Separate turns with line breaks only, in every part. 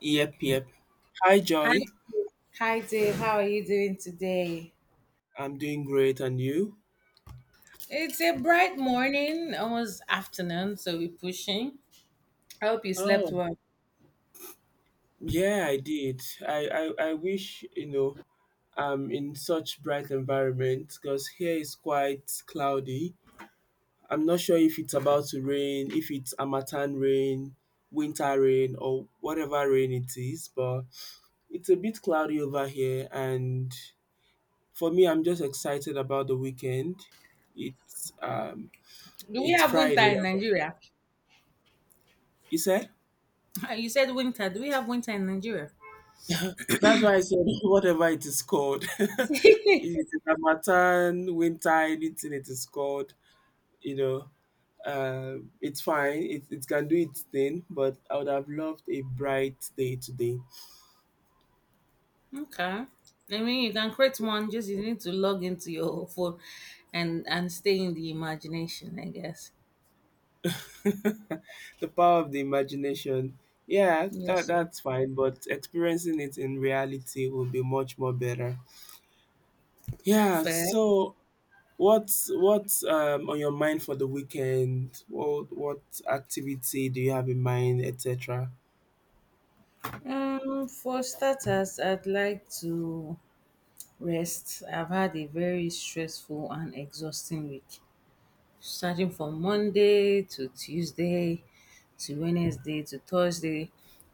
Yep, yep. Hi,
Hi,
Joy.
Dave. Hi, Dave. How are you doing today?
I'm doing great, and you?
It's a bright morning, almost afternoon, so we're pushing. I hope you slept
Oh,
well.
yeah, I did. I wish, I'm in such bright environment because here is quite cloudy. I'm not sure if it's about to rain, if it's Amatan rain, winter rain, or whatever rain it is, but it's a bit cloudy over here. And for me, I'm just excited about the weekend. It's um,
Do we
it's
have winter
Friday.
in Nigeria?
You said?
You said winter. Do we have winter in Nigeria?
That's why I said whatever it is called. It is Harmattan, winter, anything it is called, you know, it's fine. It can do its thing, but I would have loved a bright day today.
Okay. I mean, you can create one. Just you need to log into your phone, and stay in the imagination, I guess.
The power of the imagination. Yeah,
Yes,
that,
sir.
that's fine, but experiencing it in reality will be much more better. Yeah,
Fair.
so what's on your mind for the weekend? What activity do you have in mind, etc.?
For starters, I'd like to rest. I've had a very stressful and exhausting week, starting from Monday to Tuesday to Wednesday to Thursday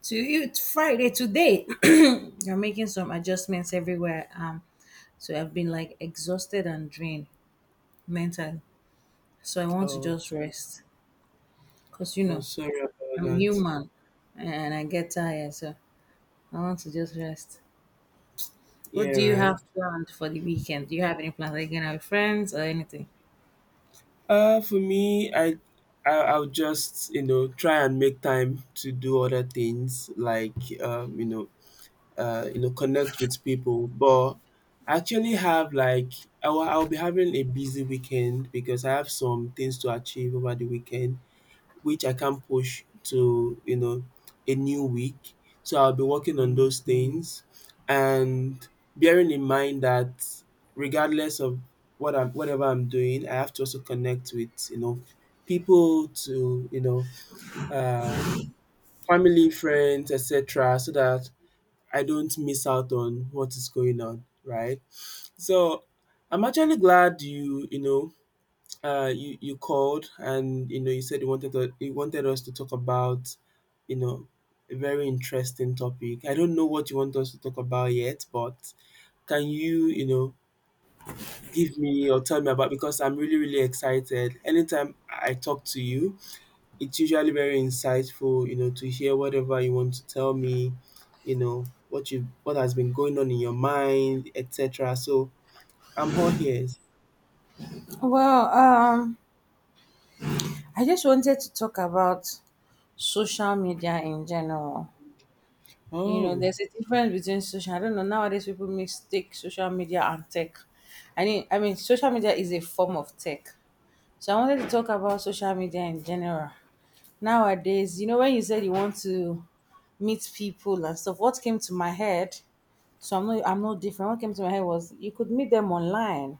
to Friday today. I'm making some adjustments everywhere. So I've been like exhausted and drained mentally. So I want to
Oh,
just rest because you
oh,
know
sorry about
I'm
that.
human and I get tired. So I want to just rest. What
Yeah,
do you
right.
have planned for the weekend? Do you have any plans? Are you going out with friends or anything?
For me, I'll just try and make time to do other things like um, you know, connect with people. But I actually have like I'll be having a busy weekend because I have some things to achieve over the weekend, which I can't push to, a new week. So I'll be working on those things and bearing in mind that regardless of whatever I'm doing, I have to also connect with, people to, uh family, friends, etc. so that I don't miss out on what is going on, right? So I'm actually glad you, you called and you said you wanted us to talk about you know a very interesting topic. I don't know what you want us to talk about yet, but can you you know give me or tell me about because I'm really really excited. Anytime I talk to you, it's usually very insightful. You know to hear whatever you want to tell me. You know what has been going on in your mind, etc. So I'm all ears.
Well, I just wanted to talk about social media in general. You know,
Oh.
there's a difference between social. I don't know, nowadays people mistake social media and tech. I mean, social media is a form of tech. So I wanted to talk about social media in general. Nowadays, you know, when you said you want to meet people and stuff, what came to my head? So I'm not different. What came to my head was you could meet them online.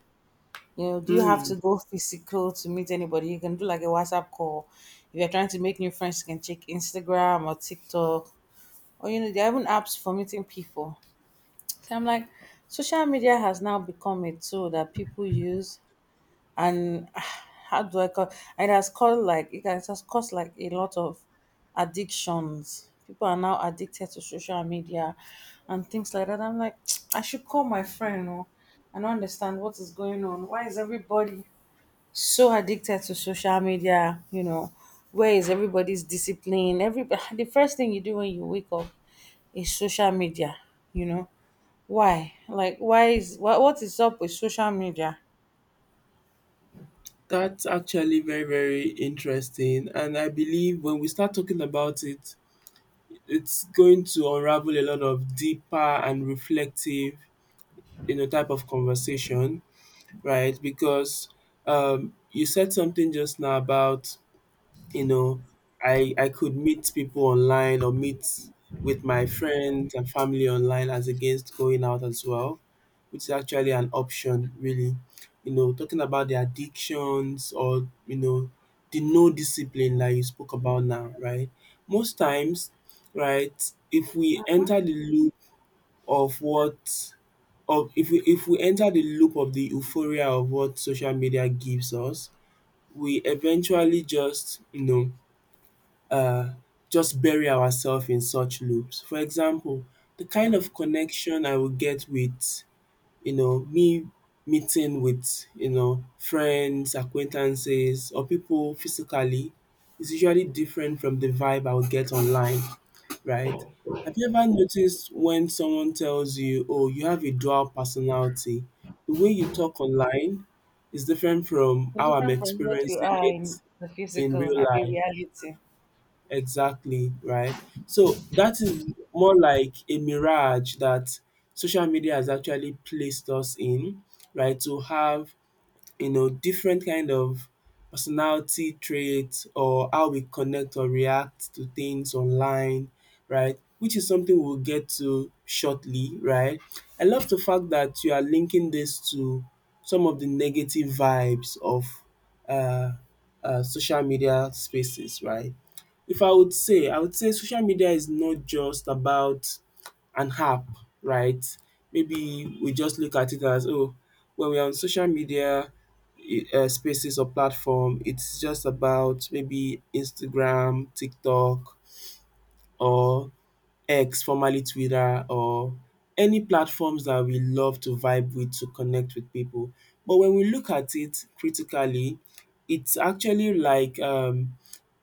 You know, do you have to go physical to meet anybody? You can do like a WhatsApp call. If you're trying to make new friends, you can check Instagram or TikTok. Or, you know, there are even apps for meeting people. So I'm like, social media has now become a tool that people use. And how do I call it? Has caused like, it has caused like a lot of addictions. People are now addicted to social media and things like that. I'm like, I should call my friend or, and understand what is going on. Why is everybody so addicted to social media, you know, where is everybody's discipline? Every the first thing you do when you wake up is social media, you know. Why? Like, why is what is up with social media?
That's actually very, very interesting. And I believe when we start talking about it, it's going to unravel a lot of deeper and reflective, type of conversation, right? Because you said something just now about you know I could meet people online or meet with my friends and family online as against going out as well, which is actually an option really. Talking about the addictions or the no discipline that you spoke about now, right, most times, right, if we enter the loop of what of if we enter the loop of the euphoria of what social media gives us, we eventually just you know uh just bury ourselves in such loops. For example, the kind of connection I will get with, me meeting with, friends, acquaintances or people physically is usually different from the vibe I will get online, right? Have you ever noticed when someone tells you, oh, you have a dual personality? The way you talk online is different from
It's
how I'm
different from what you
experiencing
are in
it
the
in
physical
real
happy
life.
reality.
Exactly, right? So that is more like a mirage that social media has actually placed us in, right? To have, different kind of personality traits or how we connect or react to things online, right? Which is something we'll get to shortly, right? I love the fact that you are linking this to some of the negative vibes of uh, social media spaces, right? If I would say, I would say social media is not just about an app, right? Maybe we just look at it as, oh, when we're on social media, spaces or platform. It's just about maybe Instagram, TikTok, or X, formerly Twitter, or any platforms that we love to vibe with to connect with people. But when we look at it critically, it's actually like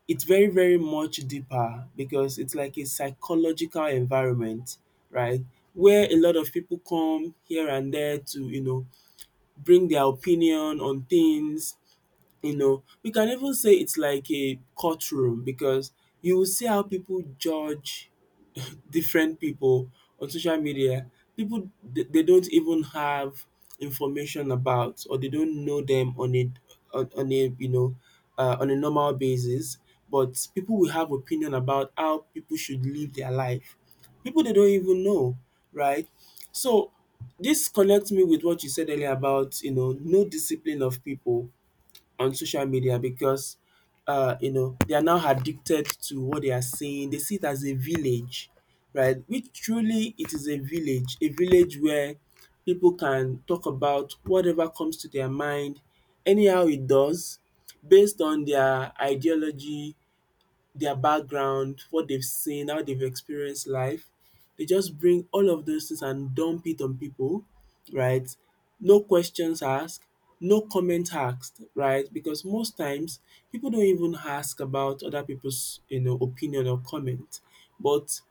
it's very, very much deeper because it's like a psychological environment, right? Where a lot of people come here and there to, bring their opinion on things, we can even say it's like a courtroom because you will see how people judge different people on social media. People they don't even have information about, or they don't know them on a on, on a you know on a normal basis, but people will have opinion about how people should live their life. People they don't even know, right? So this connects me with what you said earlier about no discipline of people on social media because they are now addicted to what they are seeing. They see it as a village, right? Which truly it is a village where people can talk about whatever comes to their mind, anyhow it does, based on their ideology, their background, what they've seen, how they've experienced life. They just bring all of those things and dump it on people, right? No questions asked, no comment asked, right? Because most times people don't even ask about other people's, opinion or comment. But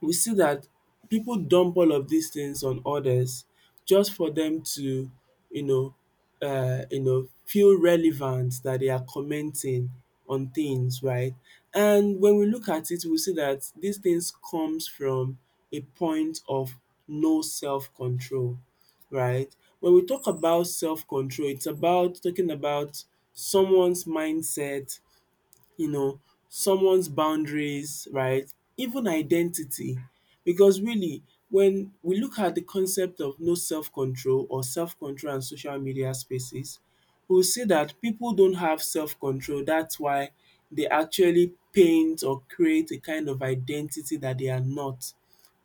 we see that people dump all of these things on others just for them to you know feel relevant that they are commenting on things, right? And when we look at it, we see that these things comes from a point of no self control, right? When we talk about self control, it's about talking about someone's mindset, you know, someone's boundaries, right? Even identity. Because really, when we look at the concept of no self control or self control and social media spaces, we'll see that people don't have self control. That's why they actually paint or create a kind of identity that they are not,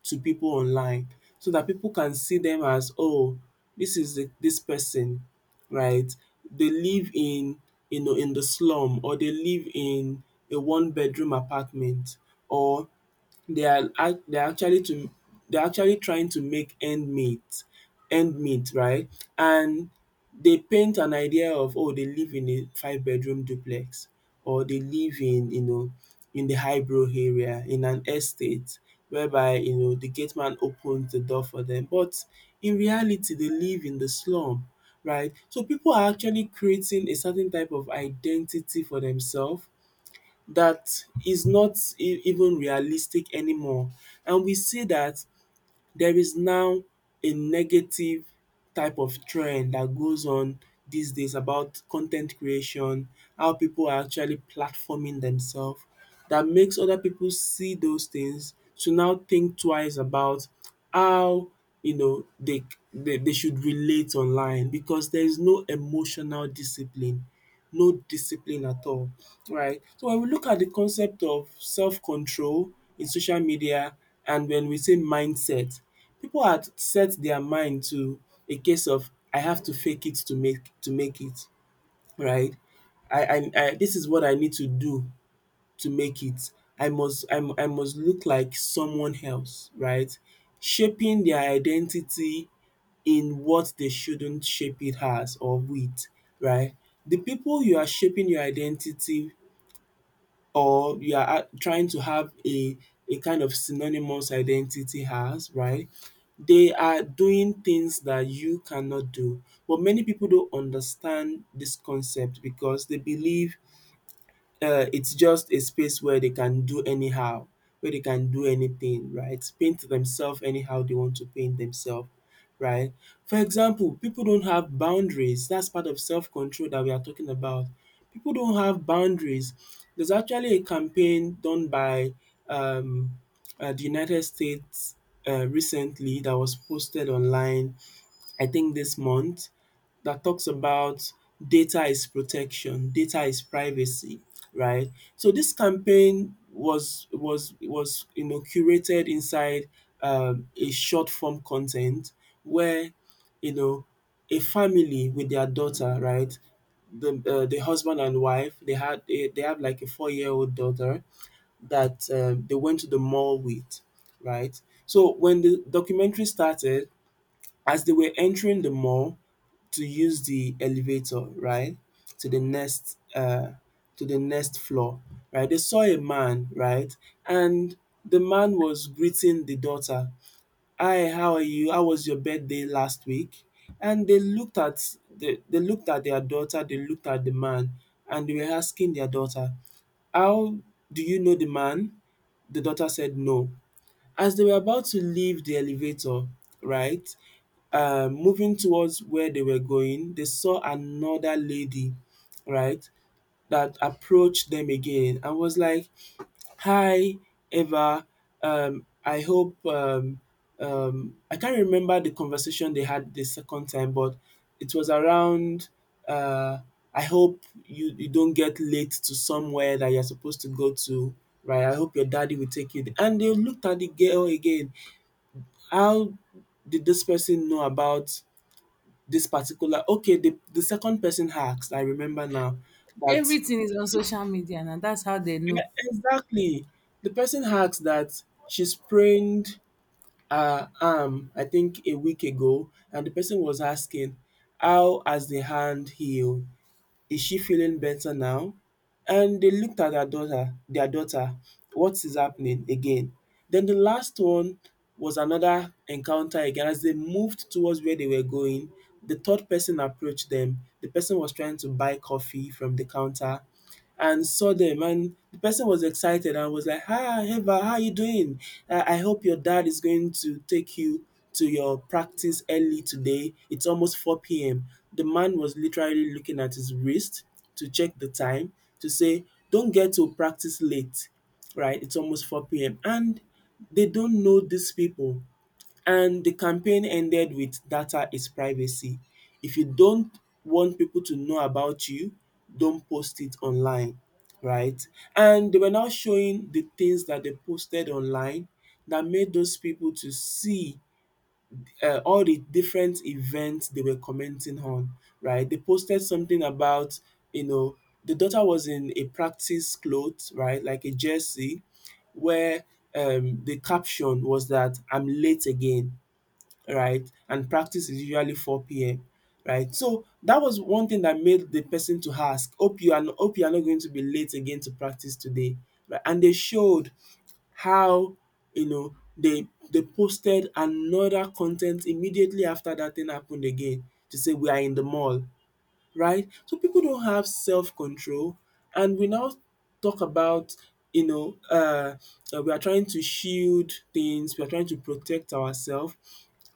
to people online, so that people can see them as, oh, this is this person, right, they live in, in the slum, or they live in a one bedroom apartment, or they are ac they are actually to they are actually trying to make end meet, right. And they paint an idea of, oh, they live in a five-bedroom duplex, or they live in, in the highbrow area in an estate whereby, the gate man opens the door for them, but in reality they live in the slum, right. So people are actually creating a certain type of identity for themselves that is not even realistic anymore, and we see that there is now a negative type of trend that goes on these days about content creation, how people are actually platforming themselves, that makes other people see those things to now think twice about how, you know they they should relate online, because there is no emotional discipline, no discipline at all, right. So when we look at the concept of self-control in social media, and when we say mindset, people had set their mind to a case of, I have to fake it to make it, right? I this is what I need to do to make it. I must look like someone else, right? Shaping their identity in what they shouldn't shape it as or with, right? The people you are shaping your identity, or you are ha trying to have a kind of synonymous identity as, right? They are doing things that you cannot do. But many people don't understand this concept because they believe it's just a space where they can do anyhow, where they can do anything, right? Paint themselves anyhow they want to paint themselves, right? For example, people don't have boundaries. That's part of self control that we are talking about. People don't have boundaries. There's actually a campaign done by um, the United States recently that was posted online, I think this month, that talks about data is protection, data is privacy, right? So this campaign was curated inside a short form content where, you know a family with their daughter, right? The husband and wife, they have like a 4-year old daughter that, they went to the mall with, right? So when the documentary started, as they were entering the mall, to use the elevator, right, to the next floor, right? They saw a man, right? And the man was greeting the daughter. "Hi, how are you? How was your birthday last week?" And they looked at they looked at their daughter, they looked at the man, and they were asking their daughter, "How do you know the man?" The daughter said no. As they were about to leave the elevator, right, moving towards where they were going, they saw another lady, right, that approached them again and was like, "Hi, Eva. I hope I can't remember the conversation they had the second time, but it was around. Uh, I hope you don't get late to somewhere that you're supposed to go to, right? I hope your daddy will take you there." And they looked at the girl again. How did this person know about this particular okay, the second person asked, I remember now, that
Everything is on social media and that's how they
yeah,
know.
exactly. The person asked that she sprained her arm, I think a week ago, and the person was asking, how has the hand healed? Is she feeling better now? And they looked at their daughter, what is happening again? Then the last one was another encounter again as they moved towards where they were going, the third person approached them. The person was trying to buy coffee from the counter and saw them, and the person was excited and was like, "Hi, Eva, how are you doing? I hope your dad is going to take you to your practice early today. It's almost 4 p.m." The man was literally looking at his wrist to check the time to say, don't get to practice late, right? It's almost 4 p.m. And they don't know these people. And the campaign ended with "Data is privacy. If you don't want people to know about you, don't post it online." Right? And they were now showing the things that they posted online that made those people to see all the different events they were commenting on, right? They posted something about, you know, the daughter was in a practice clothes, right, like a jersey where the caption was that, "I'm late again," right? And practice is usually four p.m., right? So that was one thing that made the person to ask, hope you are hope you are not going to be late again to practice today, right? And they showed how, you know, they posted another content immediately after that thing happened again to say we are in the mall, right? So people don't have self control, and we now talk about, you know, we are trying to shield things, we are trying to protect ourselves,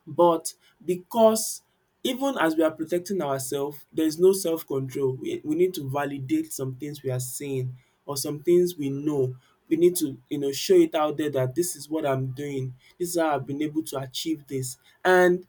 but because even as we are protecting ourselves, there is no self control. We need to validate some things we are seeing or some things we know. We need to, you know, show it out there that this is what I'm doing, this is how I've been able to achieve this, and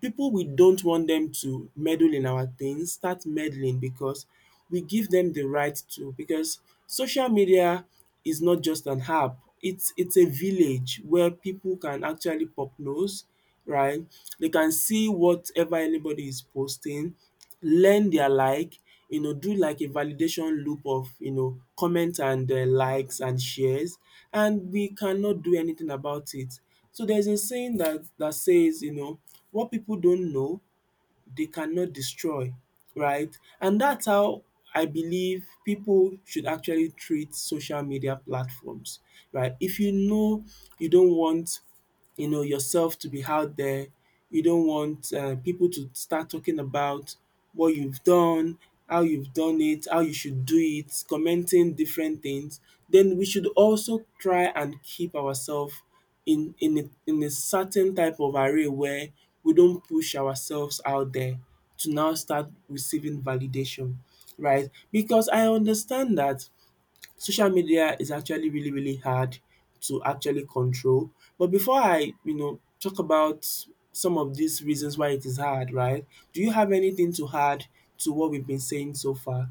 people we don't want them to meddle in our things start meddling because we give them the right to, because social media is not just an app, it's a village where people can actually pop nose, right? They can see whatever anybody is posting, learn their like, you know, do like a validation loop of, you know, comment and likes and shares, and we cannot do anything about it. So there's a saying that says, you know, what people don't know they cannot destroy, right? And that's how I believe people should actually treat social media platforms, right? If you know you don't want, you know, yourself to be out there. You don't want people to start talking about what you've done, how you've done it, how you should do it, commenting different things. Then we should also try and keep ourselves in a certain type of array where we don't push ourselves out there to now start receiving validation, right? Because I understand that social media is actually really, really hard to actually control. But before I, you know, talk about some of these reasons why it is hard, right? Do you have anything to add to what we've been saying so far?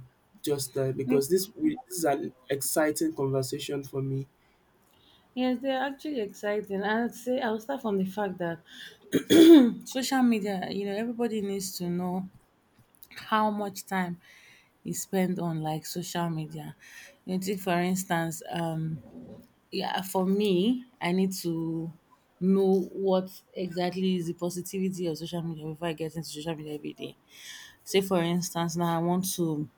Just because this is an exciting conversation for me.
Yes, they're actually exciting. I'd say I'll start from the fact that social media, you know, everybody needs to know how much time you spend on like social media. You take for instance, yeah, for me, I need to know what exactly is the positivity of social media before I get into social media every day. Say for instance, now I want to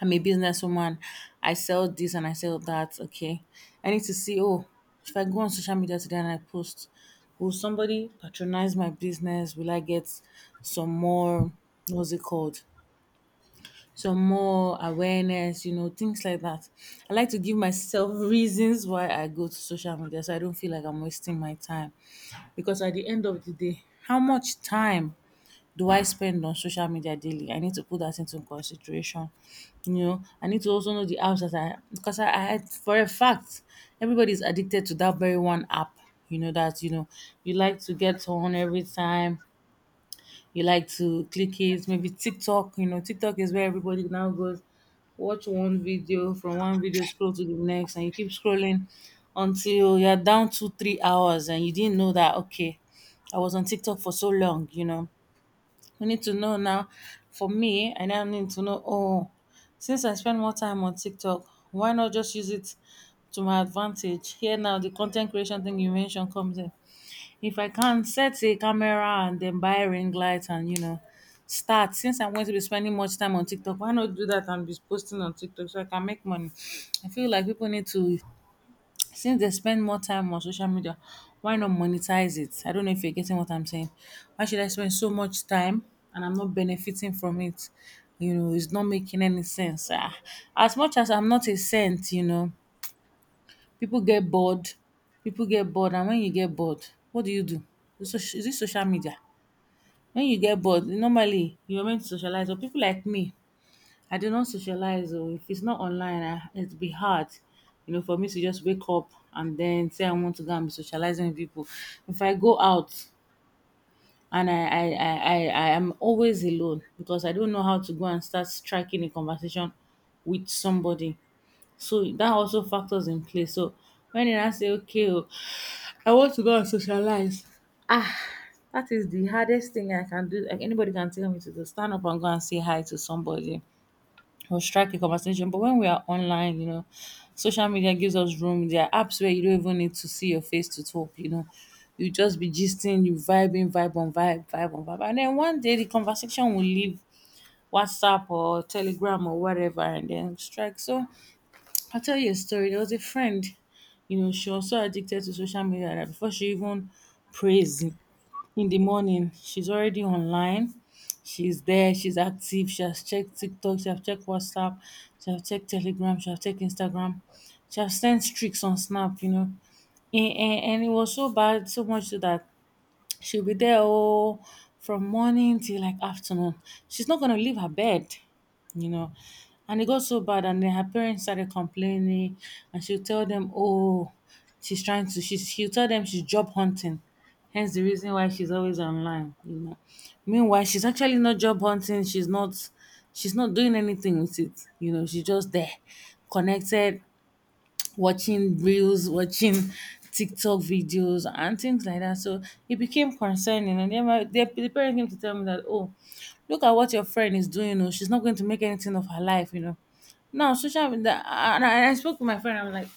I'm a businesswoman, I sell this and I sell that, okay. I need to see, oh, if I go on social media today and I post, will somebody patronize my business? Will I get some more, what's it called, some more awareness, you know, things like that. I like to give myself reasons why I go to social media so I don't feel like I'm wasting my time. Because at the end of the day, how much time do I spend on social media daily? I need to put that into consideration. You know, I need to also know the apps that I, because I had for a fact everybody's addicted to that very one app, you know, that, you know, you like to get on every time, you like to click it, maybe TikTok. You know, TikTok is where everybody now goes, watch one video, from one video scroll to the next, and you keep scrolling until you're down 2-3 hours and you didn't know that. Okay, I was on TikTok for so long, you know. You need to know now. For me, I now need to know, oh, since I spend more time on TikTok, why not just use it to my advantage? Here now the content creation thing you mentioned comes in. If I can set a camera and then buy ring light and, you know, start, since I'm going to be spending much time on TikTok, why not do that and be posting on TikTok so I can make money? I feel like people need to, since they spend more time on social media, why not monetize it? I don't know if you're getting what I'm saying. Why should I spend so much time and I'm not benefiting from it? You know, it's not making any sense. Ah, as much as I'm not a saint, you know, people get bored. People get bored, and when you get bored, what do you do? Is is it social media? When you get bored, normally you're meant to socialize. But people like me, I do not socialize. Or if it's not online, it'd be hard, you know, for me to just wake up and then say I want to go and be socializing with people. If I go out and I am always alone because I don't know how to go and start striking a conversation with somebody. So that also factors in play. So when I say, okay, oh, I want to go and socialize. Ah, that is the hardest thing I can do. Like, anybody can tell me to do, stand up and go and say hi to somebody or strike a conversation. But when we are online, you know, social media gives us room. There are apps where you don't even need to see your face to talk, you know. You just be gisting, you vibing, vibe on vibe, vibe on vibe. And then one day the conversation will leave WhatsApp or Telegram or whatever and then strike. So I'll tell you a story. There was a friend, you know, she was so addicted to social media that before she even prays in the morning, she's already online. She's there, she's active, she has checked TikTok, she has checked WhatsApp, she has checked Telegram, she has checked Instagram, she has sent streaks on Snap, you know. And it was so bad, so much so that she'll be there, oh, from morning till like afternoon. She's not gonna leave her bed, you know. And it got so bad, and then her parents started complaining, and she'll tell them, "Oh, she's trying to." She'll tell them she's job hunting, hence the reason why she's always online, you know. Meanwhile, she's actually not job hunting. She's not. She's not doing anything with it, you know. She's just there, connected, watching reels, watching TikTok videos and things like that. So it became concerning. And then the parent came to tell me that, oh, look at what your friend is doing. Oh, she's not going to make anything of her life, you know. Now, social media, and I spoke to my friend, I'm like,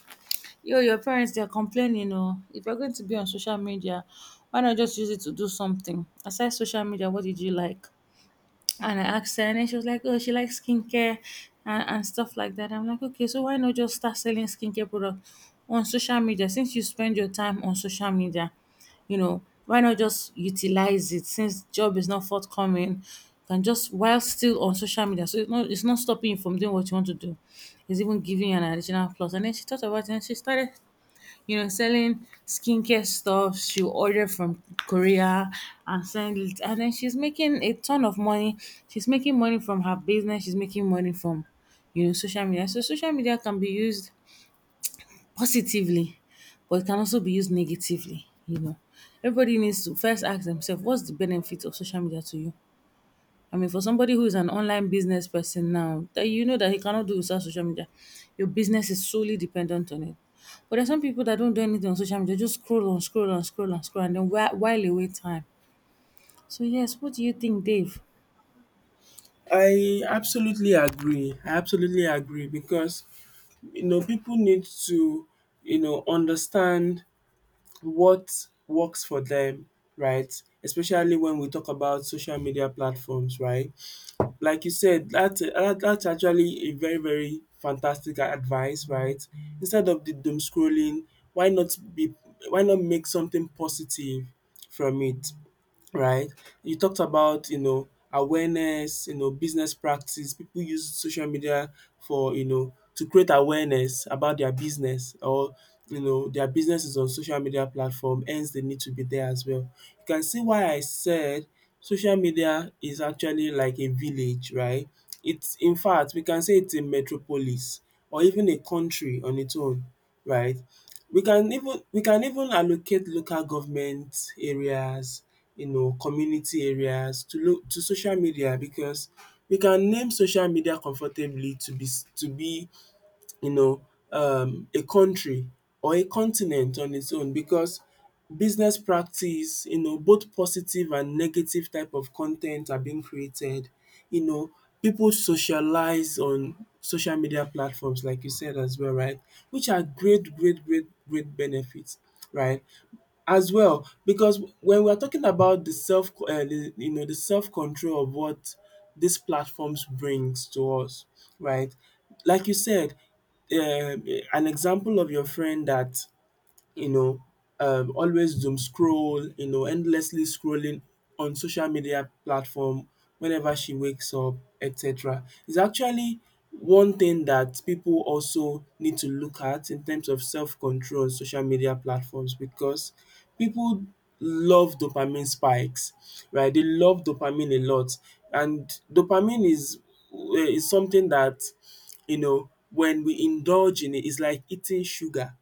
yo, your parents, they're complaining. Oh, if you're going to be on social media, why not just use it to do something? Aside social media, what did you like? And I asked her, and then she was like, "Oh, she likes skincare and stuff like that." I'm like, "Okay, so why not just start selling skincare product on social media? Since you spend your time on social media, you know, why not just utilize it? Since job is not forthcoming, you can just while still on social media, so it's not stopping you from doing what you want to do. It's even giving you an additional plus." And then she thought about it, and she started, you know, selling skincare stuff. She'll order from Korea and send it. And then she's making a ton of money. She's making money from her business. She's making money from, you know, social media. So social media can be used positively, but it can also be used negatively, you know. Everybody needs to first ask themselves, what's the benefit of social media to you? I mean, for somebody who is an online business person now, that you know that he cannot do without social media, your business is solely dependent on it. But there's some people that don't do anything on social media, just scroll on, scroll on, scroll on, scroll, and then while away time. So yes, what do you think, Dave?
I absolutely agree. I absolutely agree because, you know, people need to, you know, understand what works for them, right? Especially when we talk about social media platforms, right? Like you said, that's actually a very, very fantastic advice, right? Instead of the doom scrolling, why not be why not make something positive from it? Right? You talked about, you know, awareness, you know, business practice. People use social media for, you know, to create awareness about their business, or, you know, their business is on social media platform, hence they need to be there as well. You can see why I said social media is actually like a village, right? It's in fact we can say it's a metropolis or even a country on its own, right? We can even allocate local government areas, you know, community areas to lo to social media because we can name social media comfortably to be you know, a country or a continent on its own because business practice, you know, both positive and negative type of content are being created. You know, people socialize on social media platforms like you said as well, right? Which are great benefits, right? As well because when we are talking about the self you know the self control of what these platforms brings to us, right? Like you said, um an example of your friend that you know, always doom scroll, you know, endlessly scrolling on social media platform whenever she wakes up, etc. It's actually one thing that people also need to look at in terms of self-control on social media platforms because people love dopamine spikes, right? They love dopamine a lot, and dopamine is is something that, you know, when we indulge in it, it's like eating sugar,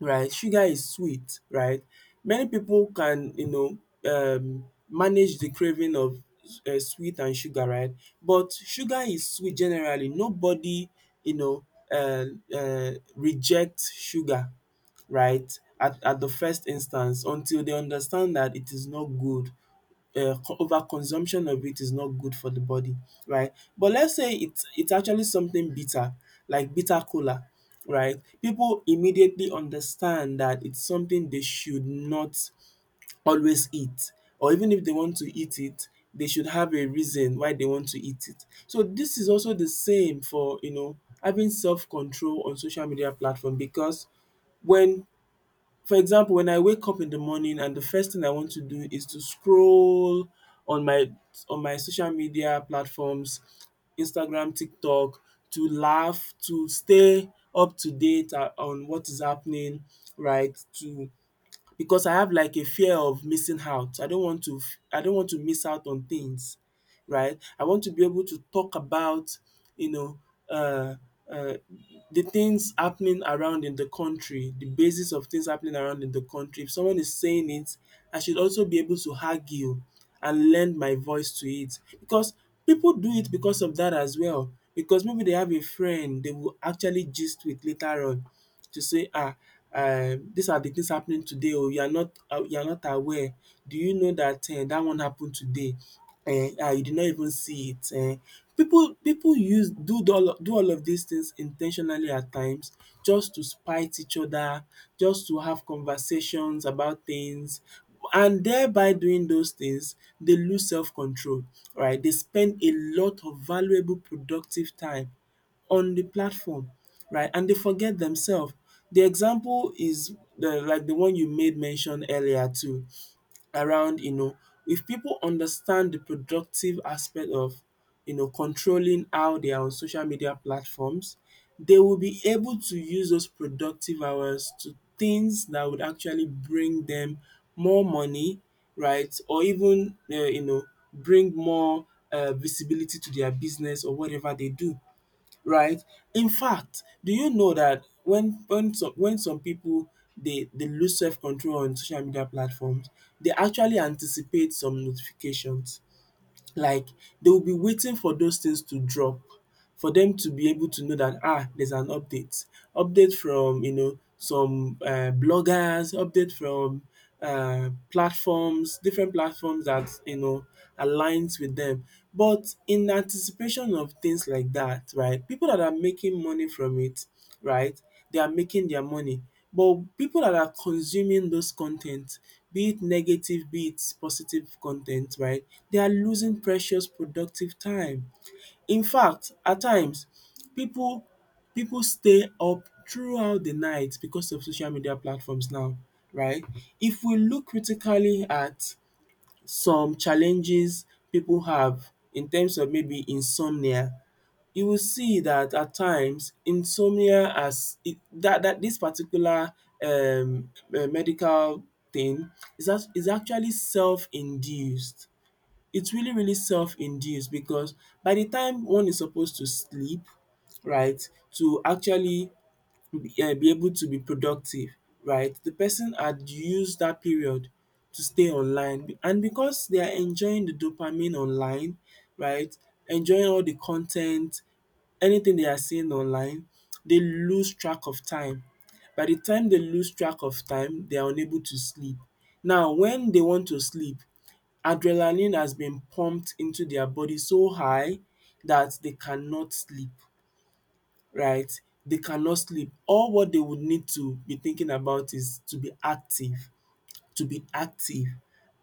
right? Sugar is sweet, right? Many people can, you know, um manage the craving of sweet and sugar, right? But sugar is sweet generally, nobody you know uh, reject sugar, right? At the first instance until they understand that it is not good, over consumption of it is not good for the body, right? But let's say it's actually something bitter like bitter cola, right? People immediately understand that it's something they should not always eat, or even if they want to eat it, they should have a reason why they want to eat it. So this is also the same for, you know, having self control on social media platform because when for example, when I wake up in the morning and the first thing I want to do is to scroll on my social media platforms, Instagram, TikTok, to laugh, to stay up to date on what is happening, right? To, because I have like a fear of missing out. I don't want to I don't want to miss out on things, right? I want to be able to talk about, you know, uh, uh, the things happening around in the country, the basis of things happening around in the country. If someone is saying it, I should also be able to argue and lend my voice to it because people do it because of that as well. Because maybe they have a friend they will actually gist with later on to say ah these are the things happening today, oh you are not aware. Do you know that dat one happened today, eh? And you did not even see it. People pipu use do the all do all of these things intentionally at times, just to spite each other, just to have conversations about things, and thereby doing those things they lose self control, right. They spend a lot of valuable productive time on the platform, right? And they forget themselves. The example is the like the one you made mention earlier too, around, you know, if people understand the productive aspect of, you know, controlling how they are on social media platforms, they will be able to use those productive hours to things that would actually bring them more money, right? Or even, you know, bring more visibility to their business or whatever they do, right? In fact, do you know that when some people they lose self control on social media platforms, they actually anticipate some notifications, like they will be waiting for those things to drop for them to be able to know that ah there's an update. Update from you know some bloggers, update from platforms, different platforms that you know aligns with them. But in anticipation of things like that right, people that are making money from it right? They are making their money. But people that are consuming those content, be it negative, be it positive content, right? They are losing precious productive time. In fact, at times, people people stay up throughout the night because of social media platforms now, right? If we look critically at some challenges people have in terms of maybe insomnia, you will see that at times insomnia as it that this particular um medical thing is as is actually self-induced. It's really self-induced because by the time one is supposed to sleep, right, to actually be able to be productive, right? The person had used that period to stay online, and because they are enjoying the dopamine online, right, enjoying all the content, anything they are seeing online, they lose track of time. By the time they lose track of time, they are unable to sleep. Now when they want to sleep, adrenaline has been pumped into their body so high that they cannot sleep, right, they cannot sleep. All what they would need to be thinking about is to be active, to be active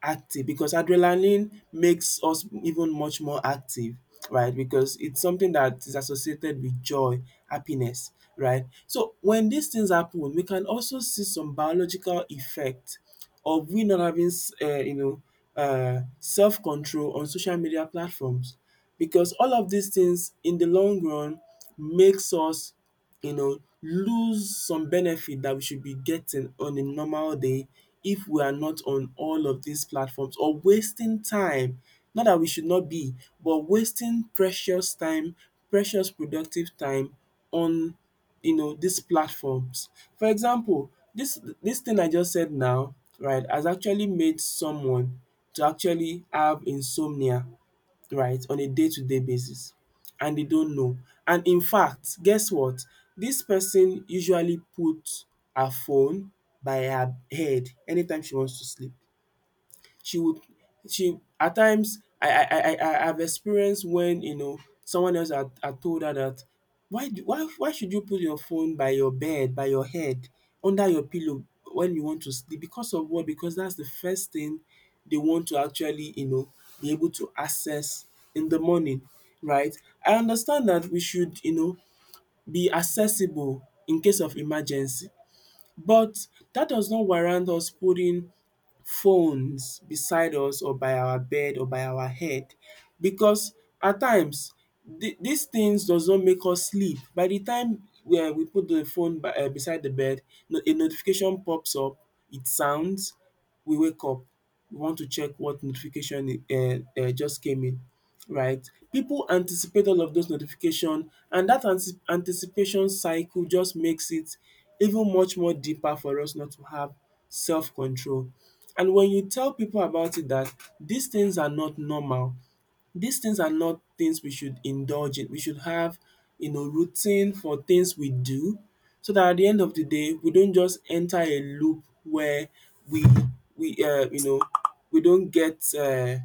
active, because adrenaline makes us even much more active, right, because it's something that is associated with joy, happiness, right. So when these things happen, we can also see some biological effect of we not having um you know self control on social media platforms, because all of these things in the long run makes us, you know, lose some benefit that we should be getting on a normal day if we are not on all of these platforms or wasting time. Not that we should not be, but wasting precious time, precious productive time on, you know, these platforms. For example, this thing I just said now, right, has actually made someone to actually have insomnia, right, on a day-to-day basis, and they don't know. And in fact, guess what? This person usually put her phone by her head anytime she wants to sleep. She would she at times I've experienced when, you know, someone else had told her that, why do why should you put your phone by your bed, by your head, under your pillow when you want to sleep, because of what? Because that's the first thing they want to actually, you know, be able to access in the morning, right? I understand that we should, you know, be accessible in case of emergency, but that does not warrant us putting phones beside us or by our bed or by our head, because at times the dis things does not make us sleep. By the time we put the phone by beside the bed, a notification pops up, it sounds, we wake up, we want to check what notification just came in, right? People anticipate all of those notification, and that anticipation cycle just makes it even much more deeper for us not to have self control. And when you tell people about it that these things are not normal, these things are not things we should indulge in. We should have, you know, routine for things we do, so that at the end of the day we don't just enter a loop where we we um you know we don't get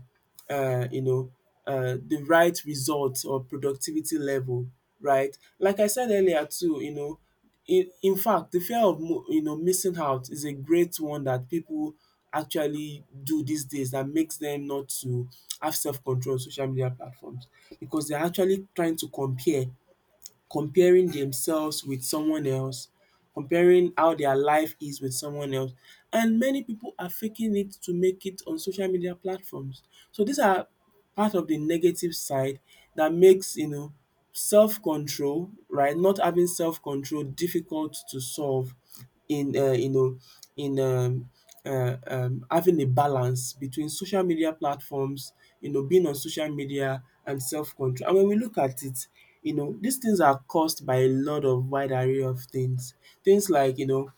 um you know the right results or productivity level, right? Like I said earlier too, you know, in fact, the fear of mo you know missing out is a great one that people actually do these days, that makes them not to have self-control on social media platforms, because they're actually trying to compare comparing themselves with someone else, comparing how their life is with someone else, and many people are faking it to make it on social media platforms. So these are part of the negative side that makes, you know, self control, right, not having self control difficult to solve in in um having a balance between social media platforms, you know, being on social media and self control. And when we look at it, you know, these things are caused by a lot of wide array of things. Things like, you know,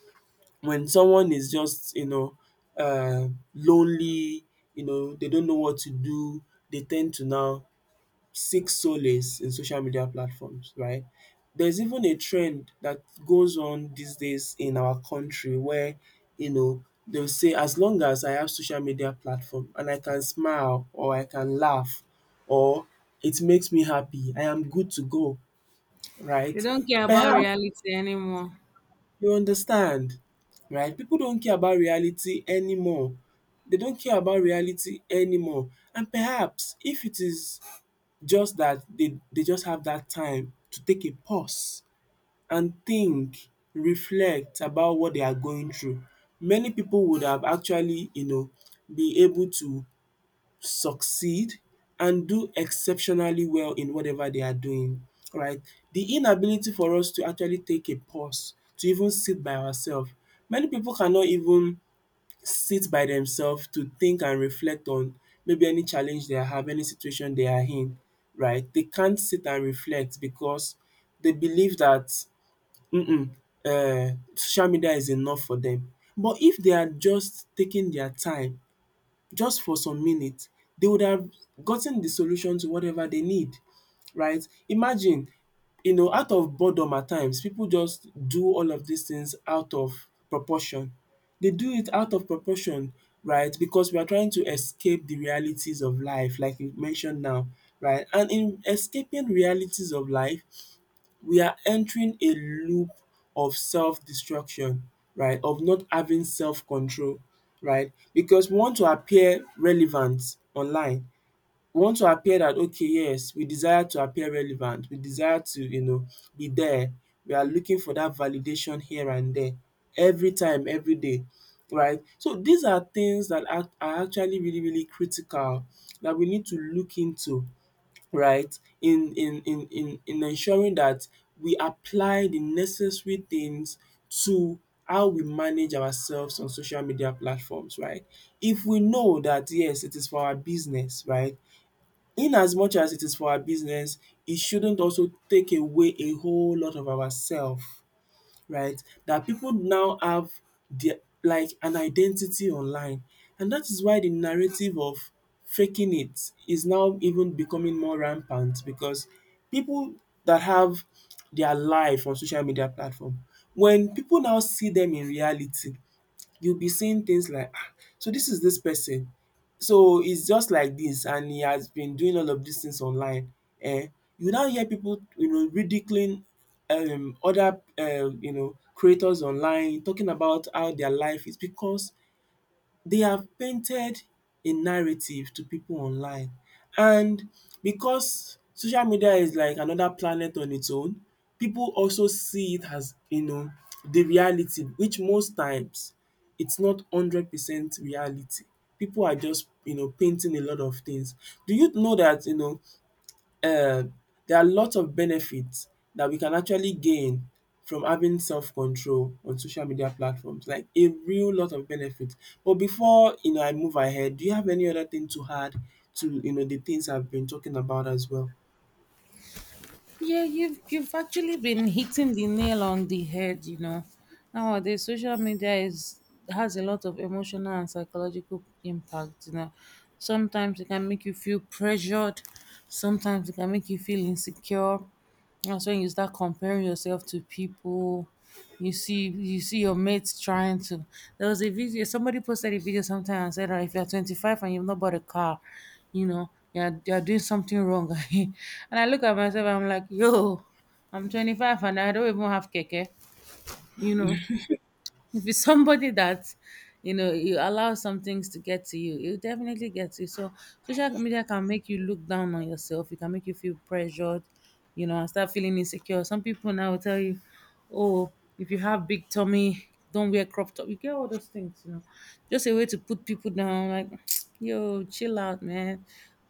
when someone is just, you know, lonely, you know, they don't know what to do, they tend to now seek solace in social media platforms, right? There's even a trend that goes on these days in our country where, you know, they'll say, as long as I have social media platform and I can smile or I can laugh, or it makes me happy, I am good to go,
They
right?
don't care about
Perhaps
reality anymore.
you understand, right? People don't care about reality anymore. They don't care about reality anymore. And perhaps if it is just that they just have that time to take a pause and think, reflect about what they are going through. Many people would have actually, you know, be able to succeed and do exceptionally well in whatever they are doing, right? The inability for us to actually take a pause, to even sit by ourselves. Many people cannot even sit by themselves to think and reflect on maybe any challenge they have, any situation they are in, right? They can't sit and reflect because they believe that um social media is enough for them. But if they are just taking their time just for some minutes, they would have gotten the solution to whatever they need, right? Imagine, you know, out of boredom at times, people just do all of these things out of proportion. They do it out of proportion, right? Because we are trying to escape the realities of life, like you mentioned now, right? And in escaping realities of life, we are entering a loop of self-destruction, right, of not having self-control, right, because we want to appear relevant online. We want to appear that, okay, yes, we desire to appear relevant, we desire to, you know, be there, we are looking for that validation here and there every time every day, right. So these are things that are actually really critical that we need to look into, right? In ensuring that we apply the necessary things to how we manage ourselves on social media platforms, right? If we know that yes, it is for our business, right? In as much as it is for our business, it shouldn't also take away a whole lot of ourself, right? That people now have their, like an identity online, and that is why the narrative of faking it is now even becoming more rampant, because people that have their life on social media platform, when people now see them in reality, you'll be seeing things like, ah, so this is this person, so it's just like this and he has been doing all of these things online. um you now hear people, you know, ridiculing other creators online, talking about how their life is because they have painted a narrative to people online. And because social media is like another planet on its own, people also see it as, you know, the reality, which most times it's not 100% reality. People are just, you know, painting a lot of things. Do you know that, you know, um there are lots of benefits that we can actually gain from having self-control on social media platforms, like a real lot of benefits. But before, you know, I move ahead, do you have any other thing to add to, you know, the things I've been talking about as well?
Yeah, you've actually been hitting the nail on the head, you know. Nowadays, social media is has a lot of emotional and psychological impact, you know. Sometimes it can make you feel pressured, sometimes it can make you feel insecure. That's when you start comparing yourself to people. You see, your mates trying to. There was a video. Somebody posted a video sometime and said, "Ah, if you're 25 and you've not bought a car, you know you're doing something wrong." And I look at myself. I'm like, "Yo, I'm 25 and I don't even have keke," you know. If it's somebody that you know you allow some things to get to you, it definitely gets you. So social media can make you look down on yourself. It can make you feel pressured, you know, and start feeling insecure. Some people now will tell you, "Oh, if you have big tummy, don't wear crop top." You get all those things, you know, just a way to put people down. Like, yo, chill out, man.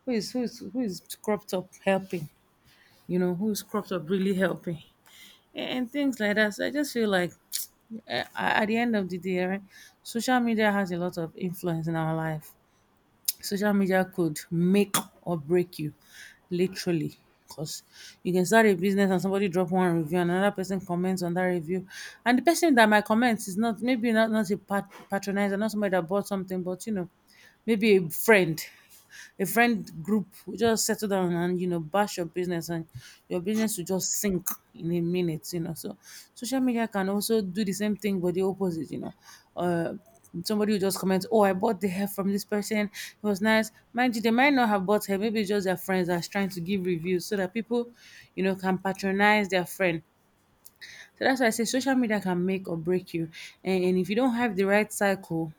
Who is crop top helping? You know, who is crop top really helping? And things like that. So I just feel like eh, at the end of the day, right, social media has a lot of influence in our life. Social media could make or break you, literally. Because you can start a business and somebody drop one review and another person comments on that review. And the person that might comment is not maybe not, a patronizer, not somebody that bought something, but you know, maybe a friend group will just settle down and you know bash your business, and your business will just sink in a minute, you know. So social media can also do the same thing but the opposite, you know. uh Somebody will just comment, "Oh, I bought the hair from this person. It was nice." Mind you, they might not have bought hair. Maybe it's just their friends that's trying to give reviews so that people, you know, can patronize their friend. So that's why I say social media can make or break you. And if you don't have the right cycle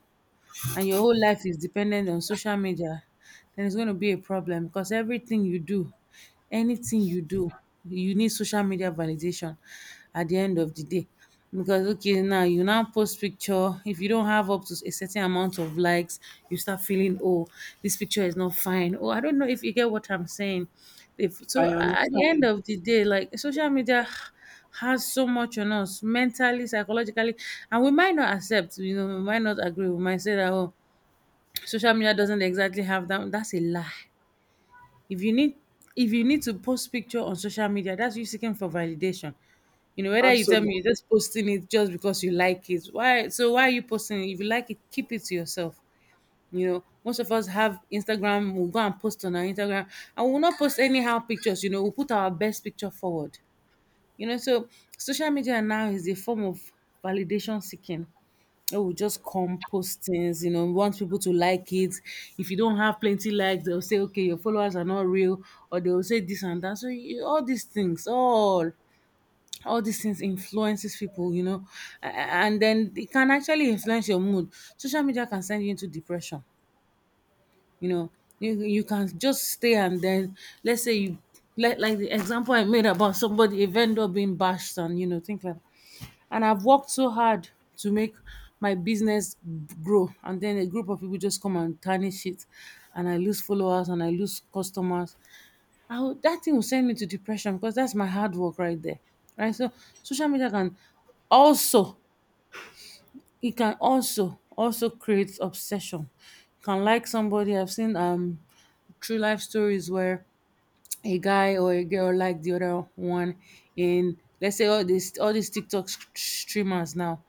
and your whole life is dependent on social media, then it's going to be a problem, because everything you do, anything you do, you need social media validation at the end of the day. Because okay, now you now post picture. If you don't have up to a certain amount of likes, you start feeling, oh, this picture is not fine. Oh, I don't know if you get what I'm saying. If, so
I
at the end
understand.
of the day, like, social media has so much on us mentally, psychologically, and we might not accept, you know, we might not agree. We might say that, oh, social media doesn't exactly have that. That's a lie. If you need if you need to post picture on social media, that's you seeking for validation. You know, whether you tell me you're
Absolutely.
just posting it just because you like it. Why so why are you posting it? If you like it, keep it to yourself. You know, most of us have Instagram, we'll go and post on our Instagram and we'll not post anyhow pictures, you know, we'll put our best picture forward. You know, so social media now is a form of validation seeking. It will just compost things, you know, want people to like it. If you don't have plenty likes, they'll say, okay, your followers are not real, or they'll say this and that. So you, all these things, all these things influences people, you know, and then it can actually influence your mood. Social media can send you into depression, you know. You can just stay and then, let's say you, like the example I made about somebody, a vendor being bashed and you know things like that. And I've worked so hard to make my business grow, and then a group of people just come and tarnish it, and I lose followers and I lose customers. That thing will send me to depression, because that's my hard work right there, right? So social media can also, it can also create obsession. You can like somebody. I've seen true life stories where a guy or a girl like the other one, in, let's say, all these TikTok streamers now.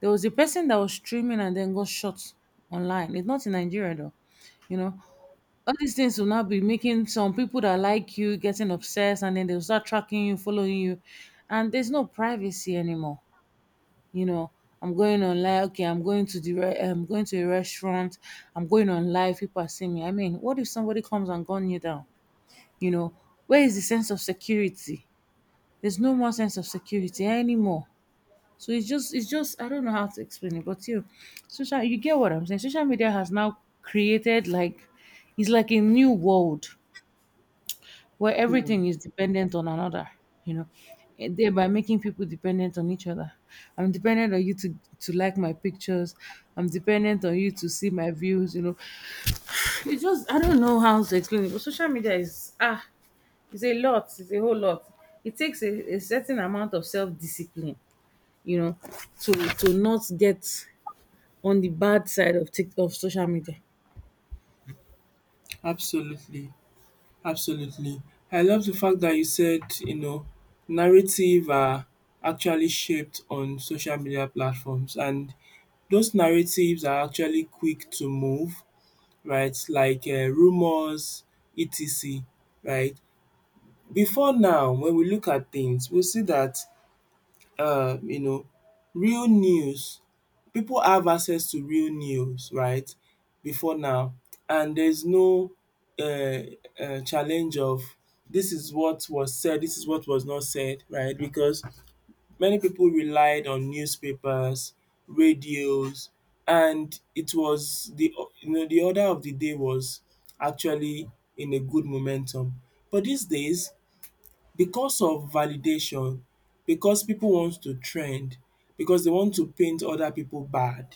There was a person that was streaming and then got shot online. It's not in Nigeria though. You know, all these things will now be making some people that like you getting obsessed, and then they'll start tracking you, following you, and there's no privacy anymore, you know. I'm going on live. Okay, I'm going to a restaurant, I'm going on live, people are seeing me. I mean, what if somebody comes and gun you down? You know, where is the sense of security? There's no more sense of security anymore. So it's just, I don't know how to explain it, but you social you get what I'm saying. Social media has now created, like, it's like a new world where everything is dependent on another, you know, and thereby making people dependent on each other. I'm dependent on you to like my pictures. I'm dependent on you to see my views, you know. It's just, I don't know how to explain it, but social media is, ah, it's a lot, it's a whole lot. It takes a certain amount of self discipline, you know, to not get on the bad side of, tick of social media.
Absolutely. Absolutely. I love the fact that you said, you know, narrative are actually shaped on social media platforms, and those narratives are actually quick to move, right, like rumours, etc, right. Before now, when we look at things, we see that, you know, real news, people have access to real news, right, before now, and there is no challenge of, this is what was said, this is what was not said, right, because many people relied on newspapers, radios, and it was the, you know, the order of the day was actually in a good momentum. But these days, because of validation, because people want to trend, because they want to paint other people bad,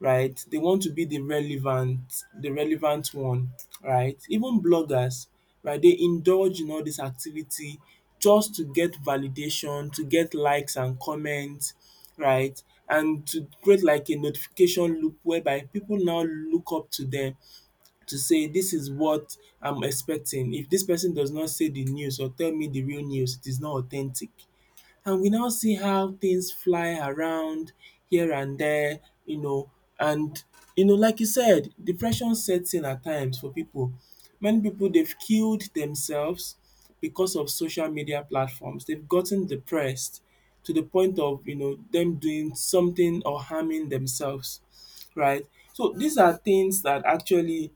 right? They want to be the relevant one, right? Even bloggers, right, they indulge in all this activity just to get validation, to get likes and comments, right? And to create like a notification loop whereby people now look up to them, to say, "This is what I'm expecting. If this person does not say the news or tell me the real news, it is not authentic." And we now see how things fly around here and there, you know, and, you know, like you said, depression sets in at times for people. Many people they've killed themselves because of social media platforms. They've gotten depressed to the point of, you know, them doing something or harming themselves, right? So these are things that actually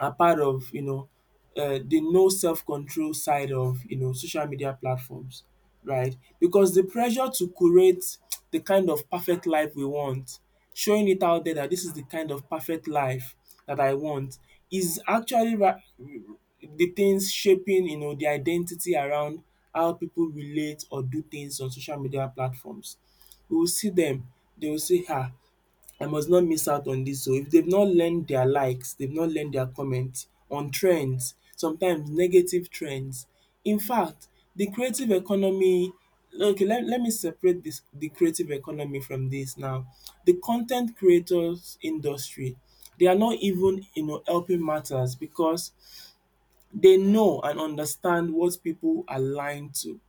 are part of the no self control side of social media platforms, right? Because the pressure to curate the kind of perfect life we want, showing it out there that this is the kind of perfect life that I want is actually ra the things shaping the identity around how people relate or do things on social media platforms. We will see them; they will say, “Ah, I must not miss out on dis o. If they've not learned their likes, they've not learned their comment on trends, sometimes negative trends.” In fact, the creative economy, okay, let me separate this, the creative economy, from this now. The content creators industry, they are not even helping matters because they know and understand what people are lying to,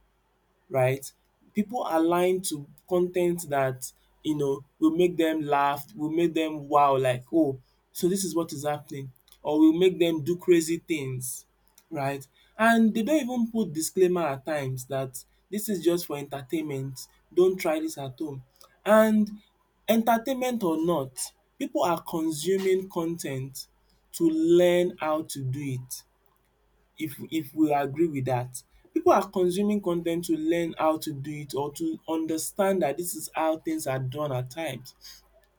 right? People align to content that, you know, will make them laugh, will make them wow, like, “Oh, so this is what is happening,” or will make them do crazy things, right? And they don't even put disclaimer at times that, “This is just for entertainment, don't try this at home,” and entertainment or not, people are consuming con ten t to learn how to do it, if we agree with that. People are consuming con ten t to learn how to do it or to understand that this is how things are done at times.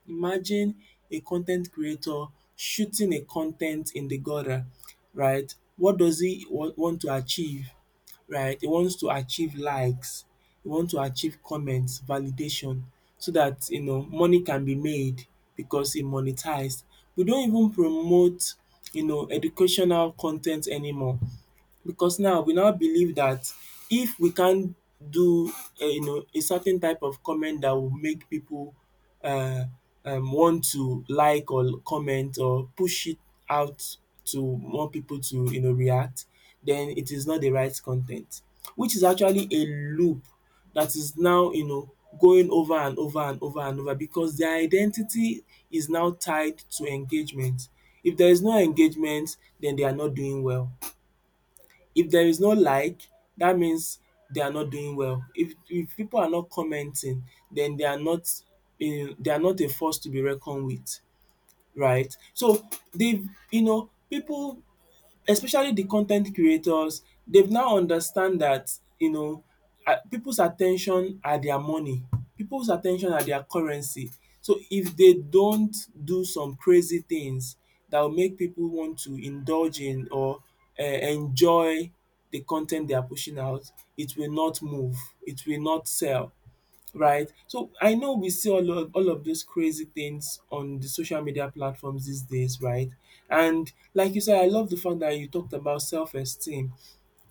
Imagine a con ten t creator shooting a con ten t in the gutter, right? What does he wa want to achieve, right? He wants to achieve likes, he wants to achieve comments, validation, so that, you know, money can be made because he monetized. We don't even promote, you know, educational con ten t anymore because now we now believe that if we can't do a, you know, a certain type of comment that will make people uh, want to like or comment or push it out to more people to, you know, react, then it is not the right content, which is actually a loop that is now, you know, going over and over and over and over because their identity is now tied to engagement. If there is no engagement, then they are not doing well. If there is no like, that means they are not doing well. If people are not commenting, then they are not in, they are not a force to be reckoned with, right? So, di you know, people, especially the content creators, they've now understand that, you know, people's attention are their money, people's attention are their currency. So if they don't do some crazy things that will make people want to indulge in or enjoy the content they are pushing out, it will not move, it will not sell. Right? So I know we see all of those crazy things on the social media platforms these days, right? And like you said, I love the fact that you talked about self-esteem.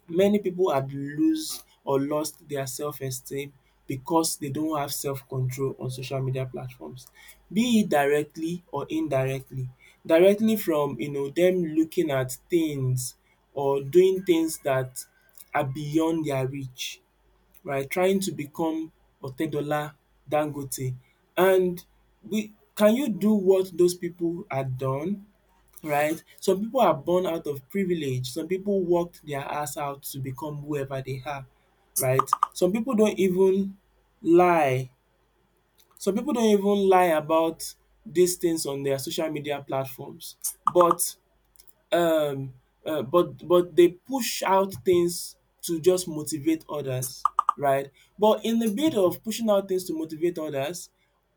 Many people had lose or lost their self-esteem because they don't have self-control on social media platforms, be it directly or indirectly. Directly from, you know, them looking at things or doing things that are beyond their reach by trying to become Otedola, Dangote. And we can you do what those people had done? Right? Some people are born out of privilege. Some people worked their ass out to become whoever they are. Right? Some people don't even lie. Some people don't even lie about these things on their social media platforms. But um but they push out things to just motivate others, right? But in the bit of pushing out things to motivate others,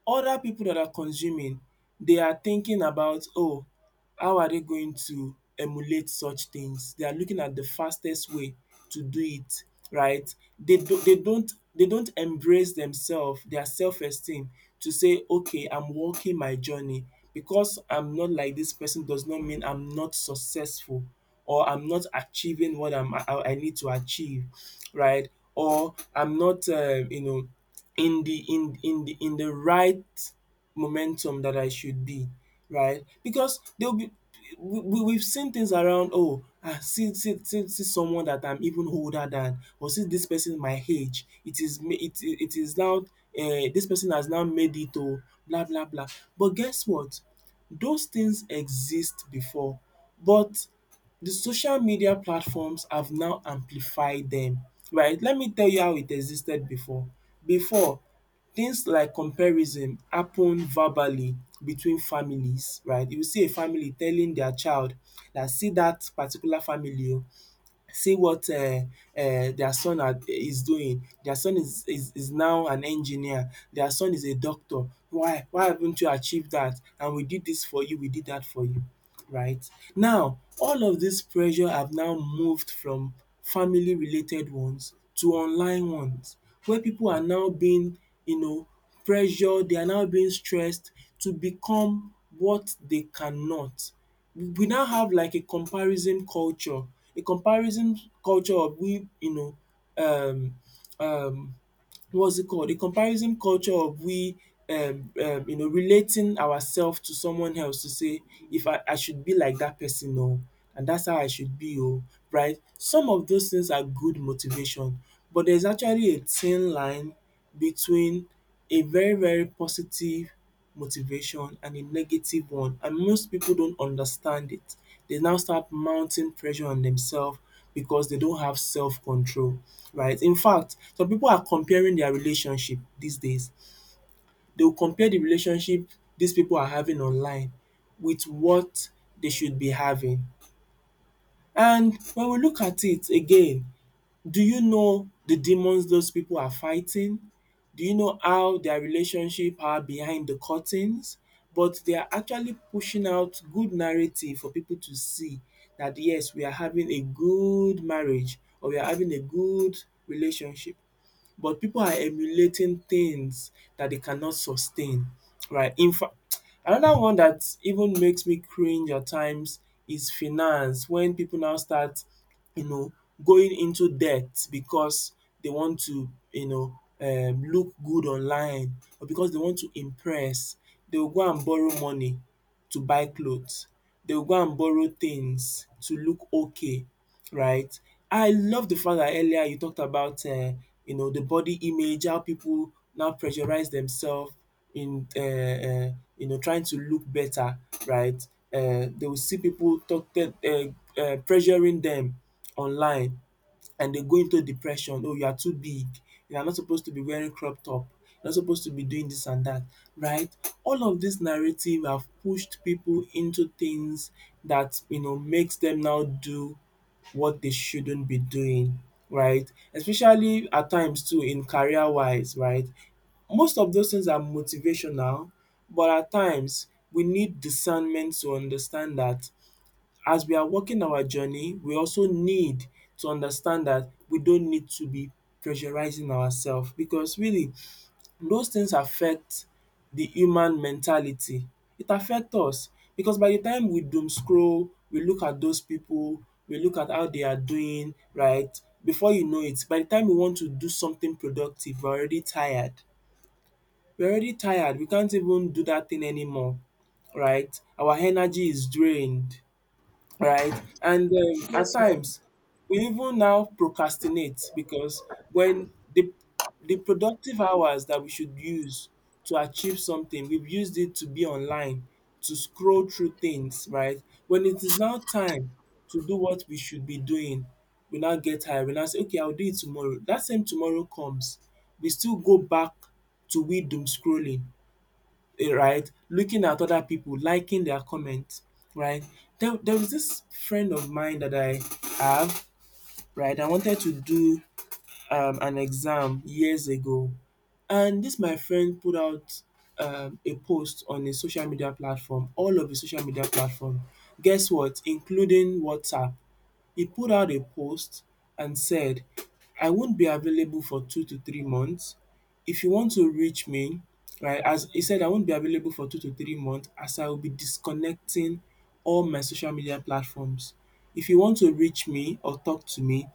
other people that are consuming, they are thinking about, “Oh, how are they going to emulate such things?” They are looking at the fastest way to do it, right? They don't embrace themselves, their self-esteem, to say, okay, I'm walking my journey. Because I'm not like this person does not mean I'm not successful or I'm not achieving what I need to achieve, right? Or I'm not you know, in the in the right momentum that I should be, right? Because they'll be we've seen things around, oh, ah, see someone that I'm even older than, or see this person my age, it is it is now this person has now made it, oh, blah blah blah, but guess what, those things exist before, but the social media platforms have now amplified them. Right, let me tell you how it existed before. Before, things like comparison happen verbally between families, right? You see a family telling their child, dat see that particular family o, see what their son are is doing. Their son is now an engineer, their son is a doctor. Why haven't you achieved that? And we did this for you, we did that for you, right? Now all of this pressure have now moved from family related ones to online ones where people are now being, you know, pressured, they are now being stressed to become what they cannot. We now have like a comparison culture. A comparison culture of we, um, um, what's it called? A comparison culture of we, you know, relating ourselves to someone else to say, if I should be like that person, oh, and that's how I should be, oh, right? Some of those things are good motivation, but there's actually a thin line between a very, very positive motivation and a negative one, and most people don't understand it. They now start mounting pressure on themselves because they don't have self control, right. In fact, some people are comparing their relationship these days. They will compare the relationship these people are having online with what they should be having, and when we look at it again, do you know the demons those people are fighting? Do you know how their relationship are behind the curtains? But they are actually pushing out good narrative for people to see that, yes, we are having a good marriage or we are having a good relationship, but people are emulating things that they cannot sustain, right? In fact, another one that even makes me cringe at times is finance, when people now start, you know, going into debt because they want to, look good online or because they want to impress. They will go and borrow money to buy clothes. They will go and borrow things to look okay, right? I love the fact that earlier you talked about you know, the body image, how people now pressurize themselves in you know, trying to look better, right? They will see people talk pressuring them online, and they go into depression, “Oh, you are too big, you are not supposed to be wearing crop top, you are not supposed to be doing this and that,” right? All of dis narrative have pushed people into things that, you know, makes them now do what they shouldn't be doing, right? Especially at times too in career wise, right? Most of those things are motivational, but at times we need discernment to understand that as we are walking our journey, we also need to understand that we don't need to be pressurizing ourselves because really those things affect the human mentality. It affect us because by the time we doom scroll, we look at those people, we look at how they are doing, right, before you know it, by the time we want to do something productive, we're already tired. We're already tired, we can't even do that thing anymore, right. Our energy is drained, right? And at
Yes, so
times, we even now procrastinate because when the productive hours that we should use to achieve something, we've used it to be online, to scroll through things, right? When it is now time to do what we should be doing, we now get tired. We now say, okay, I'll do it tomorrow. That same tomorrow comes, we still go back to we doom scrolling, eh, right? Looking at other people, liking their comments, right? There was this friend of mine that I have, right? I wanted to do an exam years ago, and this my friend put out a post on his social media platform, all of his social media platform. Guess what? Including WhatsApp. He put out a post and said, I won't be available for 2 to 3 months. If you want to reach me, right, as he said, I won't be available for 2 to 3 months as I will be disconnecting all my social media platforms. If you want to reach me or talk to me,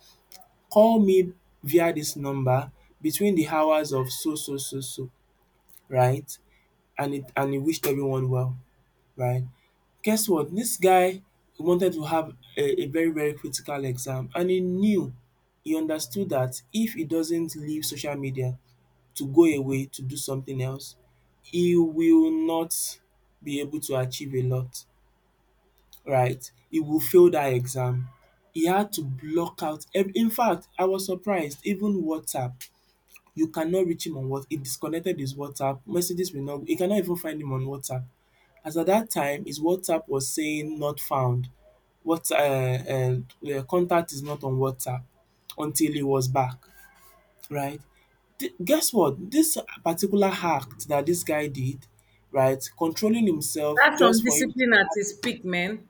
call me via this number between the hours of so so, right? And he wished everyone well, right? Guess what, this guy wanted to have a very critical exam. He understood that if he doesn't leave social media to go away to do something else, he will not be able to achieve a lot, right? He will fail that exam. He had to In fact, I was surprised. Even WhatsApp you cannot reach him on Whats he disconnected his WhatsApp, messages will not he cannot even find him on WhatsApp, as at that time his WhatsApp was saying not found What's The contact is not on WhatsApp until he was back, right? Guess what, this particular act that this guy did, right, controlling himself
that's some
just for him to
discipline at its
have
peak, man.